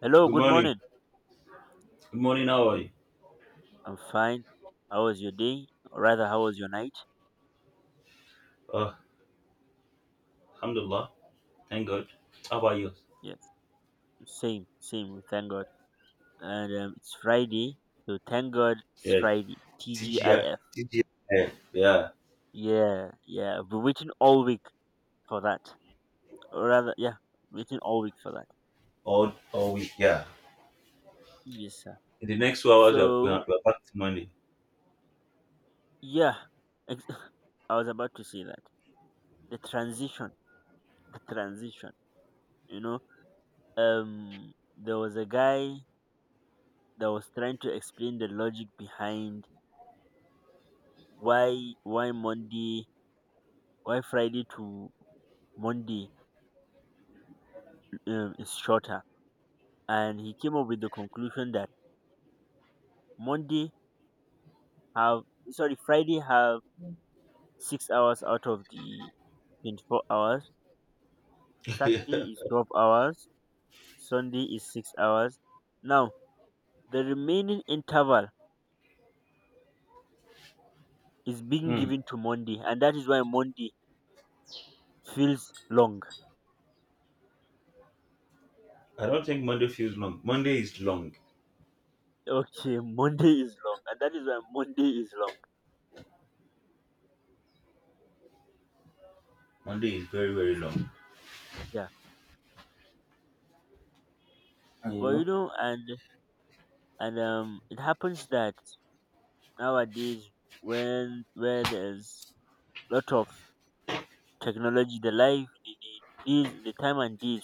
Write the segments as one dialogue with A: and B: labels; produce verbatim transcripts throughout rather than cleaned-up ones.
A: Hello,
B: Good
A: good
B: morning.
A: morning.
B: Good morning. How are you?
A: I'm fine. How was your day? Or rather, how was your night?
B: Uh, Alhamdulillah. Thank God. How about you?
A: Yes, same, same. We thank God. And um, it's Friday, so thank God it's
B: Yeah.
A: Friday.
B: T G I.
A: T G I F.
B: T G I. Yeah, yeah.
A: Yeah, yeah. I've been waiting all week for that. Or rather, yeah, waiting all week for that.
B: All, all week. Yeah.
A: Yes, sir.
B: In the next two hours, we're, we're,
A: So,
B: we're back to Monday.
A: yeah, ex- I was about to say that. The transition, the transition, you know, um, there was a guy that was trying to explain the logic behind why why Monday, why Friday to Monday um, is shorter, and he came up with the conclusion that Monday have, sorry, Friday have six hours out of the twenty-four hours, Saturday is twelve hours, Sunday is six hours. Now, the remaining interval is being
B: Hmm.
A: given to Monday, and that is why Monday feels long.
B: I don't think Monday feels long. Monday is long.
A: Okay. Monday is long, and that is why Monday is long.
B: Monday is very, very long.
A: Yeah.
B: And you
A: But you
B: know?
A: know and and um, it happens that nowadays, when where there's lot of technology, the life the, the, days- the time and days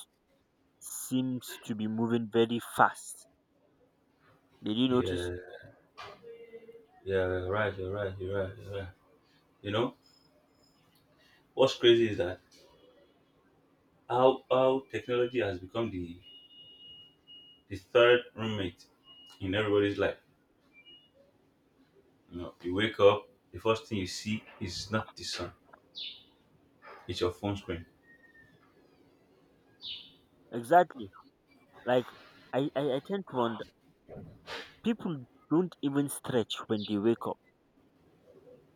A: seems to be moving very fast. Did you notice?
B: Yeah. Yeah. You're right. You're right. You're right. You're right. You know? What's crazy is that how, how technology has become the, the third roommate in everybody's life. You know, you wake up, the first thing you see is not the sun, it's your phone screen.
A: Exactly. Like, I, I i tend to wonder, people don't even stretch when they wake up.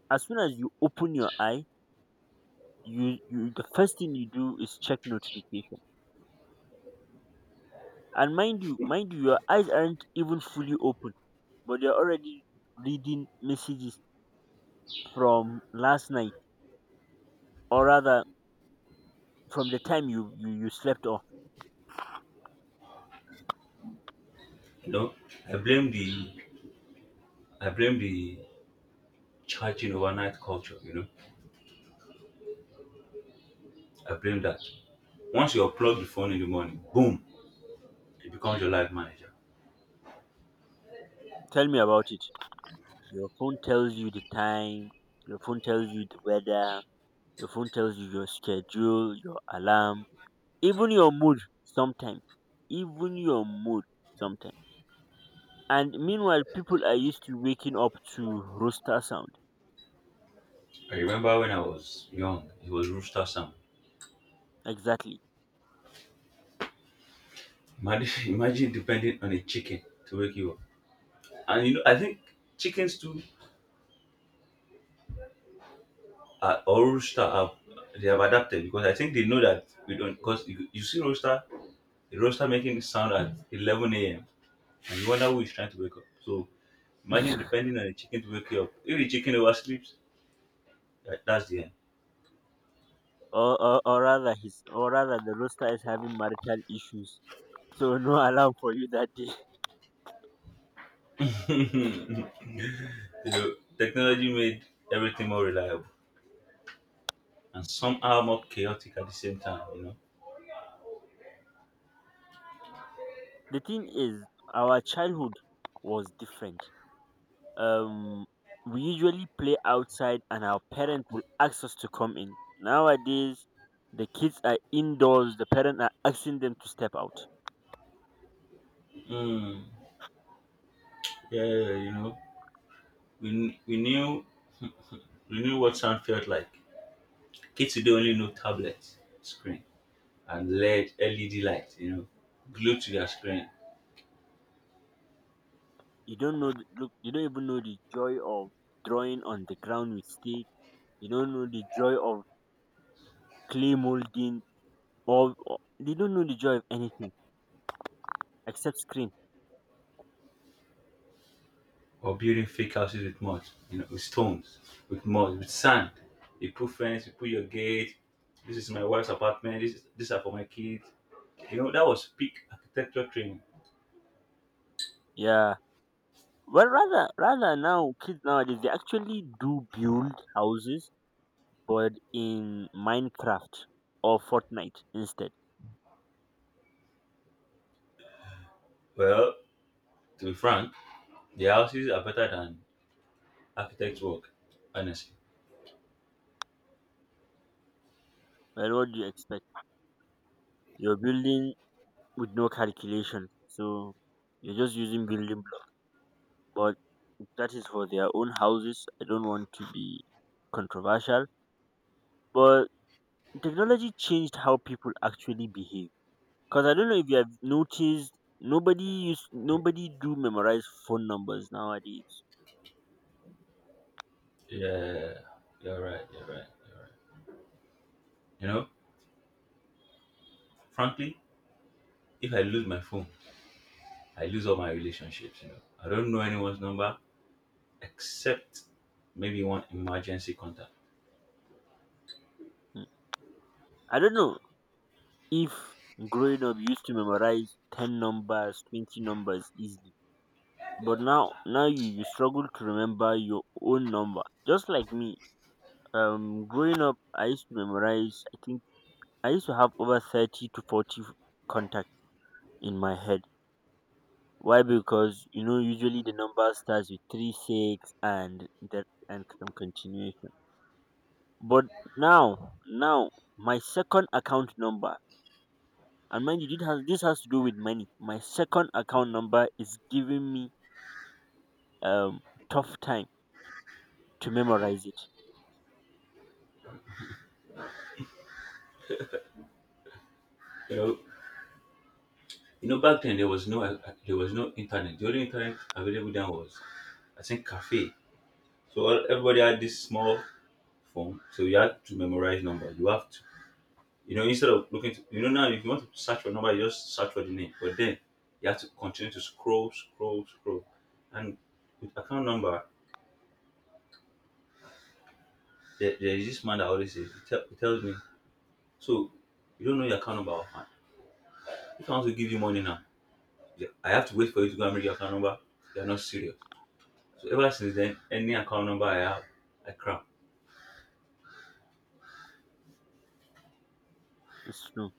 A: As soon as you open your eye, you you the first thing you do is check notification. And mind you mind you your eyes aren't even fully open, but they're already reading messages from last night, or rather from the time you, you, you slept off.
B: You know, I blame the I blame the charging overnight culture, you know. I blame that. Once you unplug the phone in the morning, boom, it becomes your life manager.
A: Tell me about it. Your phone tells you the time, your phone tells you the weather, your phone tells you your schedule, your alarm, even your mood sometimes. Even your mood sometimes. And meanwhile, people are used to waking up to rooster sound.
B: I remember when I was young, it was Rooster Sam.
A: Exactly.
B: Imagine, imagine depending on a chicken to wake you up. And you know, I think chickens too are, or rooster are, they have adapted because I think they know that we don't, because you, you see rooster. The rooster making sound at eleven a m and you wonder who is trying to wake up. So imagine depending on the chicken to wake you up. If the chicken oversleeps, that, that's the end.
A: or, or, or rather his or rather the rooster is having marital issues, so no alarm for you that day.
B: You know, technology made everything more reliable and somehow more chaotic at the same time. You know.
A: The thing is, our childhood was different. um we usually play outside and our parents will ask us to come in. Nowadays, the kids are indoors, the parents are asking them to step out.
B: Mm. Yeah, you know, we kn- we knew we knew what sound felt like. Kids today only know tablet screen and L E D L E D lights. You know, glued to their screen.
A: You don't know the- look, you don't even know the joy of drawing on the ground with stick. You don't know the joy of clay molding, or, or they don't know the joy of anything except screen.
B: Or building fake houses with mud, you know, with stones, with mud, with sand. You put fence, you put your gate. This is my wife's apartment. This is, these are for my kids. You know, that was peak architecture training.
A: Yeah. Well, rather rather now kids nowadays, they actually do build houses but in Minecraft or Fortnite instead.
B: Well, to be frank, the houses are better than architects' work. Honestly,
A: Well, what do you expect? You're building with no calculation, so you're just using building blocks. But if that is for their own houses. I don't want to be controversial, but technology changed how people actually behave. Because I don't know if you have noticed, nobody use, nobody do memorize phone numbers nowadays.
B: yeah, you're right, you're right, you're right. You know, frankly, if I lose my phone, I lose all my relationships. You know, I don't know anyone's number except maybe one emergency contact.
A: Mm. I don't know if growing up you used to memorize ten numbers, twenty numbers easily, but now now you you struggle to remember your own number, just like me. Um growing up, I used to memorize, I think I used to have over thirty to forty contacts in my head. Why? Because you know, usually the number starts with 3, 6, and that and some continuation. But now now my second account number, and mind you, this has, this has to do with money, my second account number is giving me um tough time to memorize it.
B: You know, You know, back then there was no uh, there was no internet. The only internet available then was, I think, cafe. So all- everybody had this small phone, so you had to memorize number. You have to, you know, instead of looking, to, you know, now if you want to search for number, you just search for the name. But then you have to continue to scroll, scroll, scroll, and with account number, there, there is this man that always says, he, tell, he tells me, so you don't know your account number offhand. If I want to give you money now, yeah, I have to wait for you to go and read your account number. You're not serious. So ever since then, any account number I have, I crap.
A: It's true.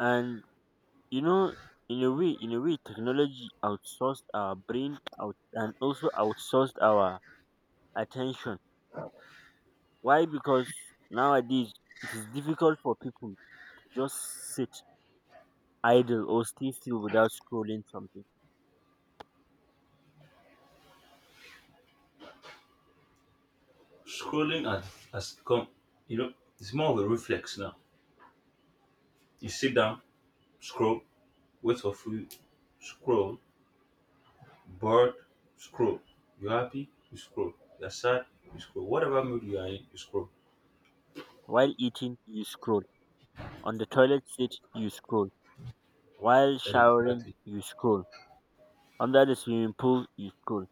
A: And you know, in a way in a way technology outsourced our brain out and also outsourced our attention. Why? Because nowadays, it is difficult for people to just sit idle or stay still without scrolling something.
B: Scrolling has, has become, you know, it's more of a reflex now. You sit down, scroll, wait for food, scroll, bored, scroll. You're happy, you scroll. You're sad, you scroll. Whatever mood you are in, you scroll.
A: While eating, you scroll. On the toilet seat, you scroll. While showering,
B: Exactly.
A: you scroll. Under the swimming pool, you scroll.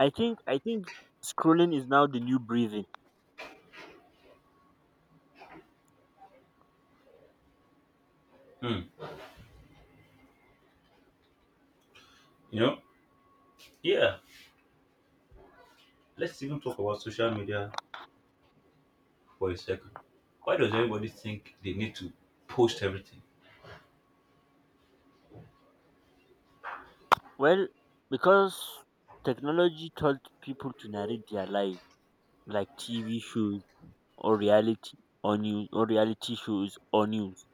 A: I think i think scrolling is now the new breathing.
B: Hmm. You know, yeah. Let's even talk about social media for a second. Why does everybody think they need to post everything?
A: Well, because technology taught people to narrate their life like T V shows, or reality, or news, or reality shows or news.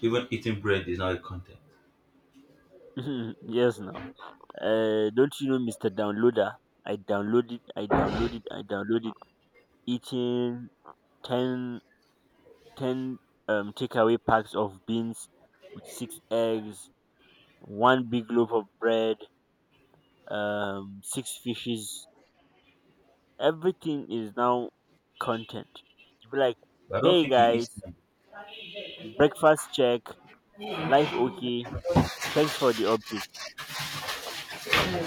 B: Even eating bread is now a content.
A: Yes, now, uh, don't you know, Mister Downloader? I downloaded, I downloaded, I downloaded eating ten ten um, takeaway packs of beans with six eggs, one big loaf of bread, um, six fishes. Everything is now content. You be like,
B: But I don't
A: hey
B: think it is.
A: guys, breakfast check, life okay, thanks for the update.
B: Okay.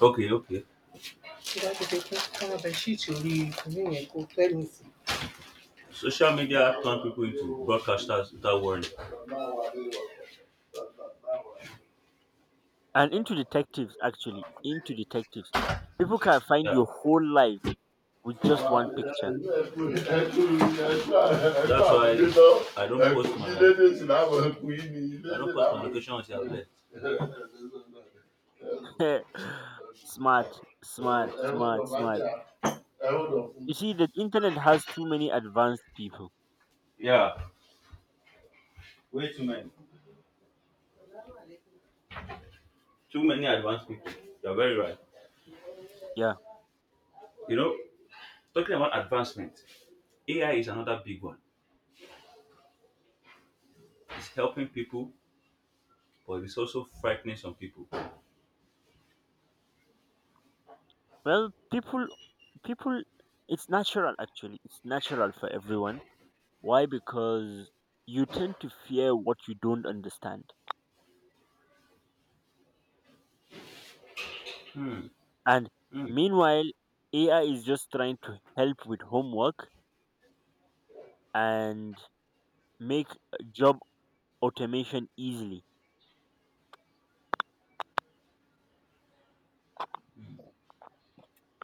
B: Okay, okay. Sí. Social media turn people into broadcasters without warning.
A: And into detectives, actually, into detectives, people can find your
B: Yeah.
A: whole life with just one picture.
B: That's why I don't post my- I don't post my don't location until I'm there.
A: Smart. Smart, smart,
B: Post
A: smart. You see, the internet has too many advanced people.
B: my. Wait a too many advanced people. You're very right.
A: Yeah.
B: You know, talking about advancement, A I is another big one. It's helping people, but it's also frightening some people.
A: Well, people people it's natural, actually, it's natural for everyone. Why? Because you tend to fear what you don't understand, and
B: Mm,
A: meanwhile, AI is just trying to help with homework and make job automation easily.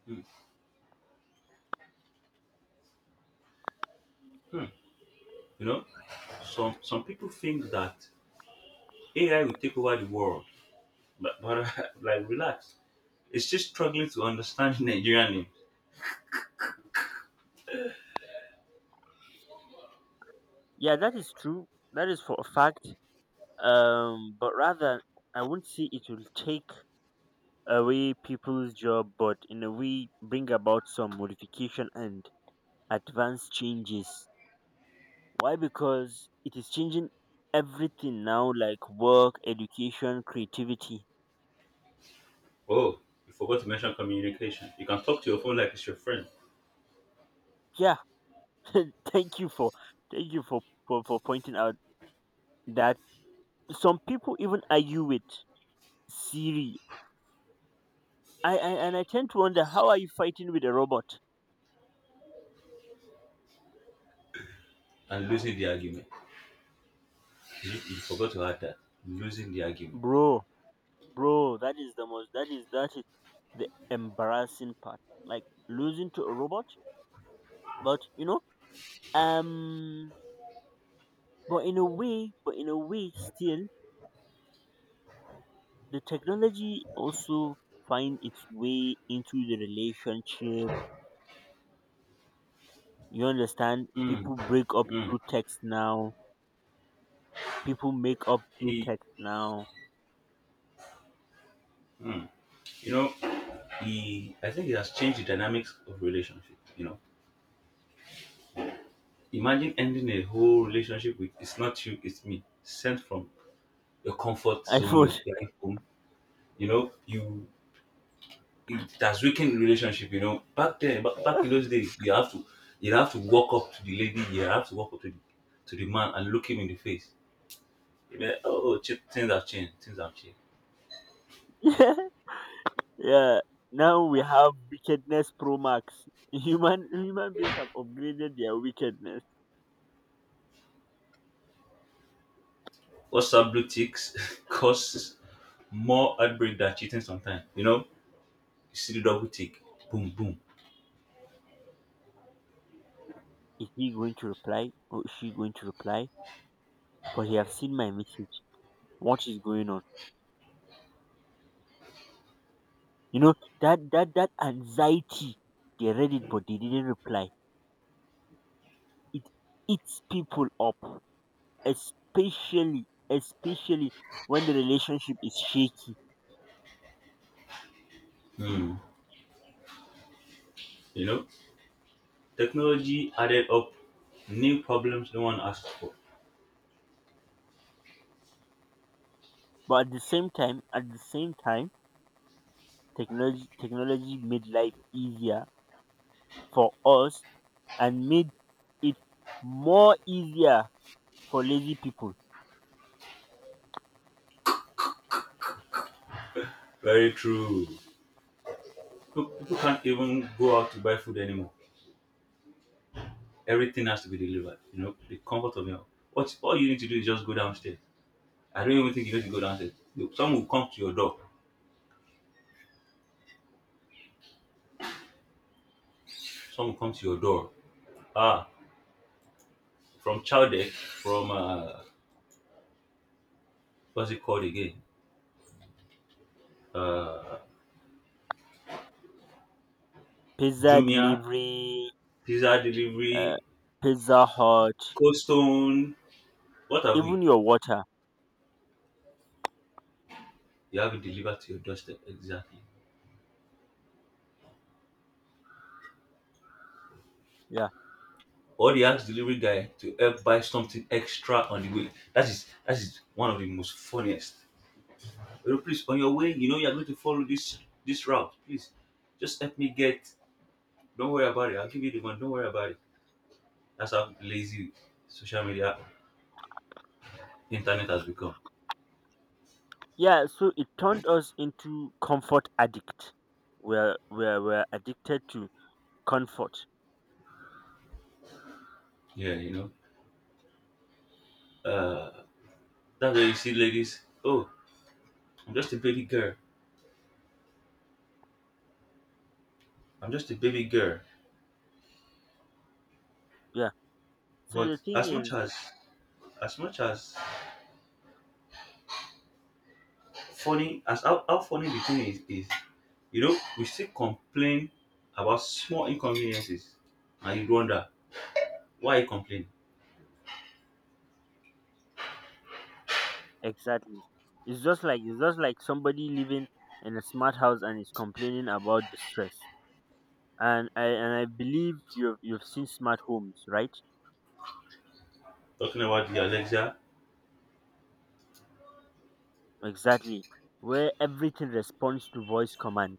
B: mm, mm. You know, some some people think that A I will take over the world, but, but like relax, it's just struggling to understand Nigerian names.
A: Yeah, that is true. That is for a fact. Um, but rather, I wouldn't say it will take away people's job, but in a way, bring about some modification and advanced changes. Why? Because it is changing everything now, like work, education, creativity.
B: Oh, you forgot to mention communication. You can talk to your phone like it's your friend,
A: Yeah. thank you for thank you for, for for pointing out that some people even argue with Siri. I, I and I tend to wonder, how are you fighting with a robot,
B: and losing the argument. You, you forgot to add that losing the argument.
A: bro? Bro, that is the most. That is that is the embarrassing part. Like losing to a robot, but you know, um, but in a way, but in a way, still the technology also find its way into the relationship. You understand?
B: Mm,
A: People break up
B: mm,
A: through text now. People make up through
B: e-
A: text now.
B: mm. You know, he I think it has changed the dynamics of relationship. You know, imagine ending a whole relationship with "it's not you, it's me," sent from your comfort zone,
A: iPhone.
B: your parents' home. You know, you, it has weakened the relationship. You know, back then, ba- back in those days, you have to, you have to walk up to the lady, you have to walk up to the, to the man, and look him in the face. You know, oh, ch- things have changed, things have changed.
A: Yeah, now we have wickedness pro max. Human human beings have upgraded their wickedness.
B: What's up, blue ticks causes more heartbreak than cheating sometimes. You know, you see the double tick, boom, boom.
A: Is he going to reply or is she going to reply? But he have seen my message. What is going on? You know, that that that anxiety. They read it but they didn't reply. It eats people up, especially especially when the relationship is shaky.
B: Hmm. You know, technology added up new problems no one asked for.
A: But at the same time, at the same time, technology technology made life easier for us and made it more easier for lazy people.
B: Very true. People people can't even go out to buy food anymore. Everything has to be delivered. You know, the comfort of your home. What all you need to do is just go downstairs. I don't even think you need to go downstairs. You- Some will come to your door. Some will come to your door. Ah, from Chowdeck, from uh, what's it called again? Uh,
A: Pizza
B: Jumia,
A: delivery,
B: pizza
A: uh,
B: delivery,
A: Pizza Hut,
B: Cold Stone. What have
A: even
B: we?
A: your water.
B: You have it delivered to your doorstep, exactly.
A: Yeah,
B: Or they ask delivery guy to help buy something extra on the way. that is that is one of the most funniest. Oh please, on your way, you know, you're going to follow this, this route, please, just help me get, don't worry about it, I'll give you the money, don't worry about it. That's how lazy social media internet has become.
A: yeah. So it turned us into comfort addict. We're we're we're addicted to comfort.
B: Yeah, you know, uh that's where you see ladies, oh, I'm just a baby girl, I'm just a baby girl.
A: Yeah. So
B: But
A: the thing
B: as much
A: is th-
B: as as much as funny as how, how funny the thing is is you know, we still complain about small inconveniences and you wonder why you complain.
A: exactly. It's just like it's just like somebody living in a smart house and is complaining about the stress. And I and I believe you've you've seen smart homes, right?
B: Talking about the Alexa,
A: Exactly. Where everything responds to voice command.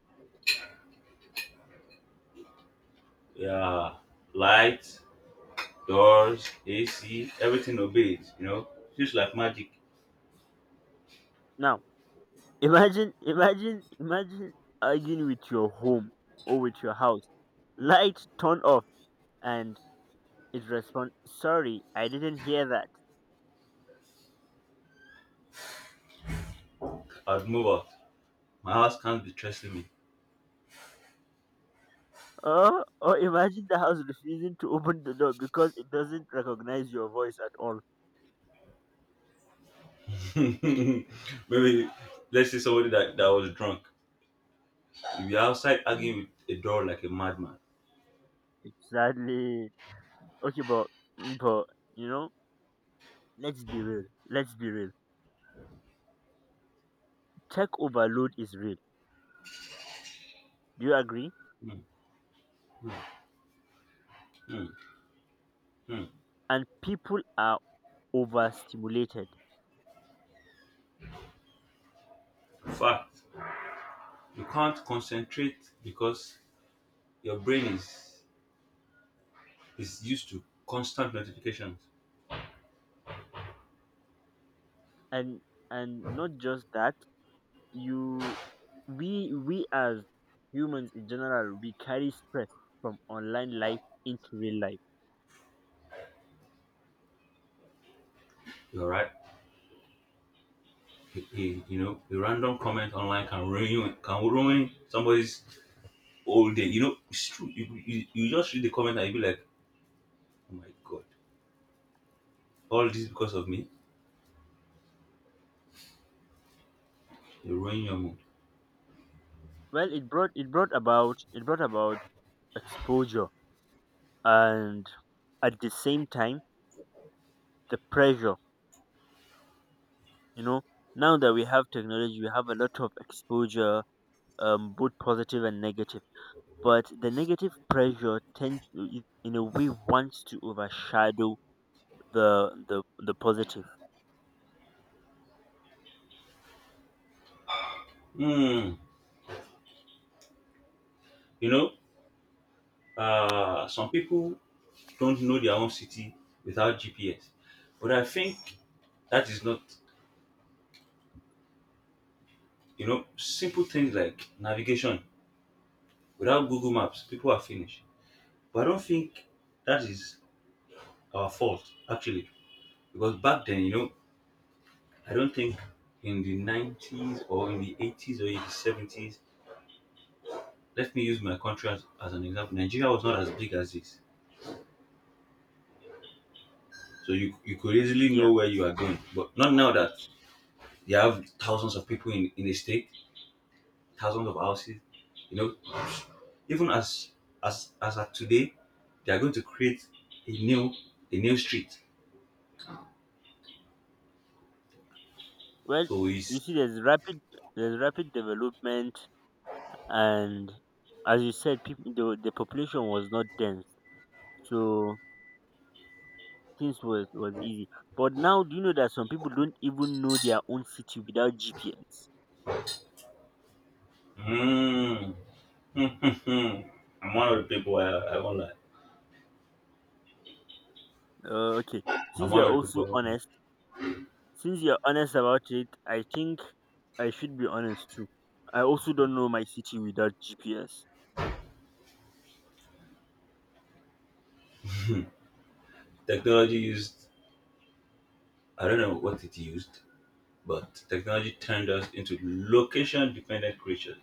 B: yeah, lights, doors, A C, everything obeys, you know, just like magic.
A: Now, imagine, imagine, imagine arguing with your home or with your house. Light turn off, and it responds, sorry, I didn't hear that.
B: I'd move out. My house can't be stressing
A: Or, or imagine the house refusing to open the door because it doesn't recognize your voice at all.
B: me. Maybe let's say somebody that, that was drunk. If you're outside arguing with a door like a madman.
A: Exactly. Okay, but, but, you know, let's be real. Let's be real. Tech overload is real. Do you agree?
B: Hmm, hmm, hmm.
A: And people are overstimulated.
B: Fact. You can't concentrate because your brain is is used to constant notifications.
A: and and not just that, you we we as humans in general, we carry stress from online life into real life.
B: You're right. A, a- you know, a random comment online can ruin, can ruin somebody's whole day. You know, it's true. You, you, you just read the comment and you be like, oh my god, all this because of me. You ruin your mood.
A: Well, it brought it brought about it brought about exposure and at the same time the pressure. you know Now that we have technology, we have a lot of exposure, um both positive and negative, but the negative pressure tend in a way wants to overshadow the the the positive.
B: Hmm. You know, uh, some people don't know their own city without G P S, but I think that is not. You know, simple things like navigation without Google Maps, people are finished. But I don't think that is our fault actually, because back then, you know, I don't think in the nineties or in the eighties or in the seventies — let me use my country as, as an example — Nigeria was not as big as this. So you you could easily know
A: Yeah.
B: where you are going, but not now that you have thousands of people in in a state, thousands of houses. You know, even as, as as at today, they are going to create a new, a new street.
A: Well,
B: So
A: you
B: it's
A: see, there's rapid there's rapid development, and as you said, people the, the population was not dense, so things was was easy. But now, do you know that some people don't even know their own city without G P S?
B: mm, I'm one of the people, i, I won't lie.
A: Uh, okay,
B: I'm
A: since you're
B: one of the
A: also
B: people.
A: honest, since you're honest about it, I think I should be honest too. I also don't know my city without G P S.
B: Technology used, I don't know what it used, but technology turned us into location dependent creatures.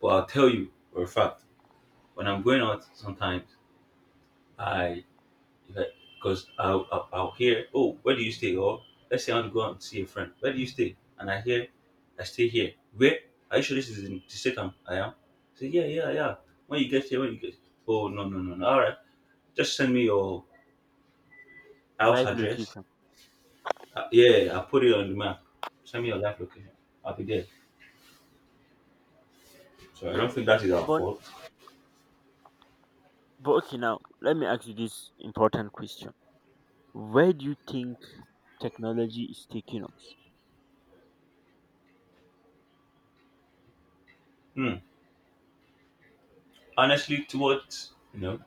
B: But I'll tell you for a fact, when I'm going out sometimes, I, because I'll, I'll, I'll hear, oh, where do you stay? Or let's say I want to go out and see a friend. Where do you stay? And I hear, I stay here. Where? Are you sure this is in the state I'm, I am? I say, yeah, yeah, yeah. When you get here, when you get, oh, no, no, no, no. All right. Just send me your house
A: Live
B: address.
A: location.
B: Uh, yeah, I put it on the map. Send me your live location. I'll be there. So I
A: Yeah,
B: don't think that is our
A: but
B: fault.
A: but okay, now let me ask you this important question. Where do you think technology is taking us?
B: Hmm. Honestly, towards, you know,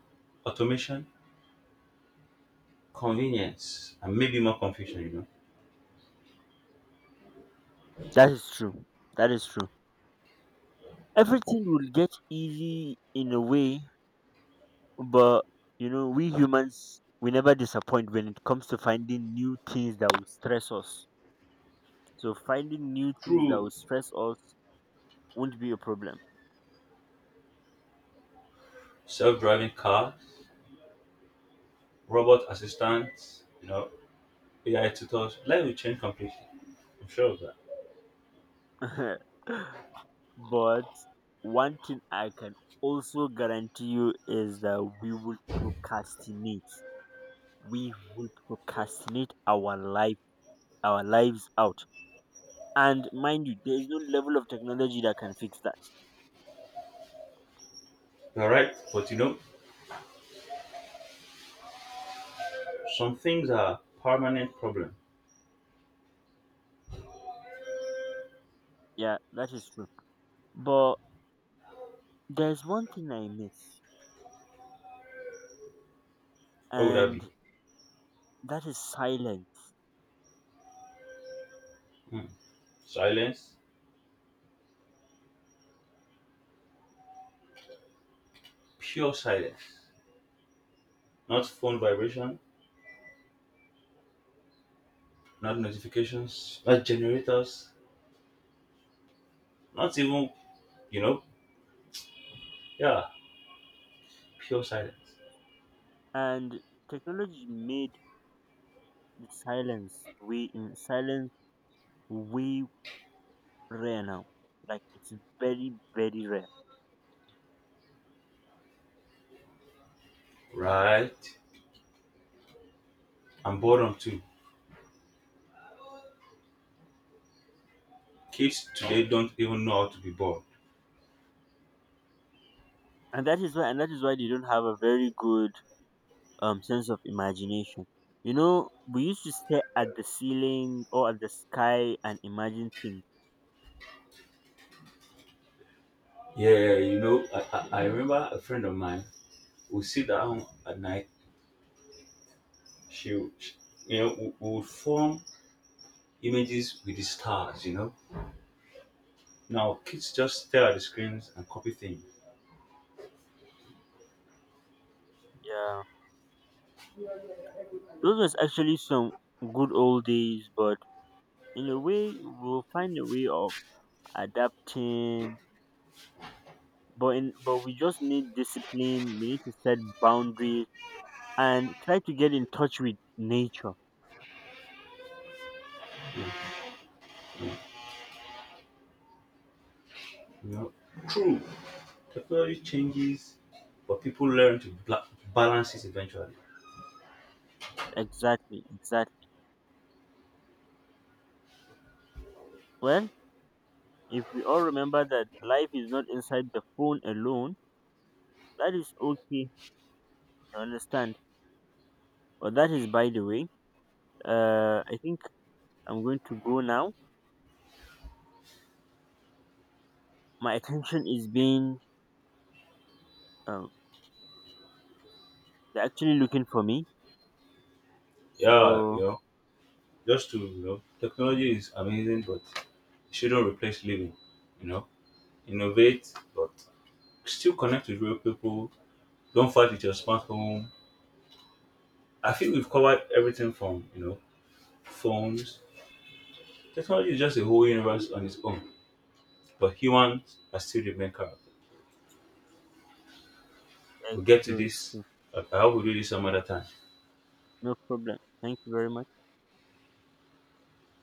B: automation, convenience, and maybe more confusion. You know,
A: That is true. That is true. Everything will get easy in a way, but you know, we humans, we never disappoint when it comes to finding new things that will stress us. So finding new things that will
B: through
A: stress us won't be a problem.
B: self-driving cars, robot assistants, you know, A I tutors, life will change completely. I'm sure of that.
A: But one thing I can also guarantee you is that we will procrastinate. We will procrastinate our life, our lives out. And mind you, there is no level of technology that can fix that.
B: You're right, but you know, some things are permanent problem.
A: Yeah, that is true. But there's one thing I miss,
B: What would that be?
A: and that is silence.
B: Hmm. Silence, pure silence. Not phone vibration, not notifications, not generators. Not even, you know, yeah, pure silence.
A: And technology made the silence way, in silence way rare now. Like, it's very, very rare.
B: Right. And boredom too. Kids today don't even know how to be bored.
A: And that is why and that is why they don't have a very good um sense of imagination. You know, we used to stare at the ceiling or at the sky and imagine things.
B: Yeah, you know, I, I, I remember a friend of mine would sit down at night. She, would- she you know, we we would form images with the stars, you know. Now kids just stare at the screens and copy things,
A: Yeah. Those was actually some good old days, but in a way we'll find a way of adapting. But in but we just need discipline. We need to set boundaries and try to get in touch with nature.
B: you know. True, technology changes, but people learn to bla- balance it eventually.
A: Exactly, exactly. Well, if we all remember that life is not inside the phone alone, that is okay. You understand? But that is by the way. Uh, I think I'm going to go now. My attention is being um, they're actually looking for me.
B: Yeah, you
A: So.
B: know, just to, you know, technology is amazing, but shouldn't replace living. You know, innovate, but still connect with real people. Don't fight with your smartphone. I think we've covered everything from, you know, phones. Technology is just a whole universe on its own, but humans are still the main character.
A: Yeah,
B: We'll
A: it's
B: get to
A: true, it's
B: this.
A: true.
B: I I hope we do this some other time.
A: No problem. Thank you very much.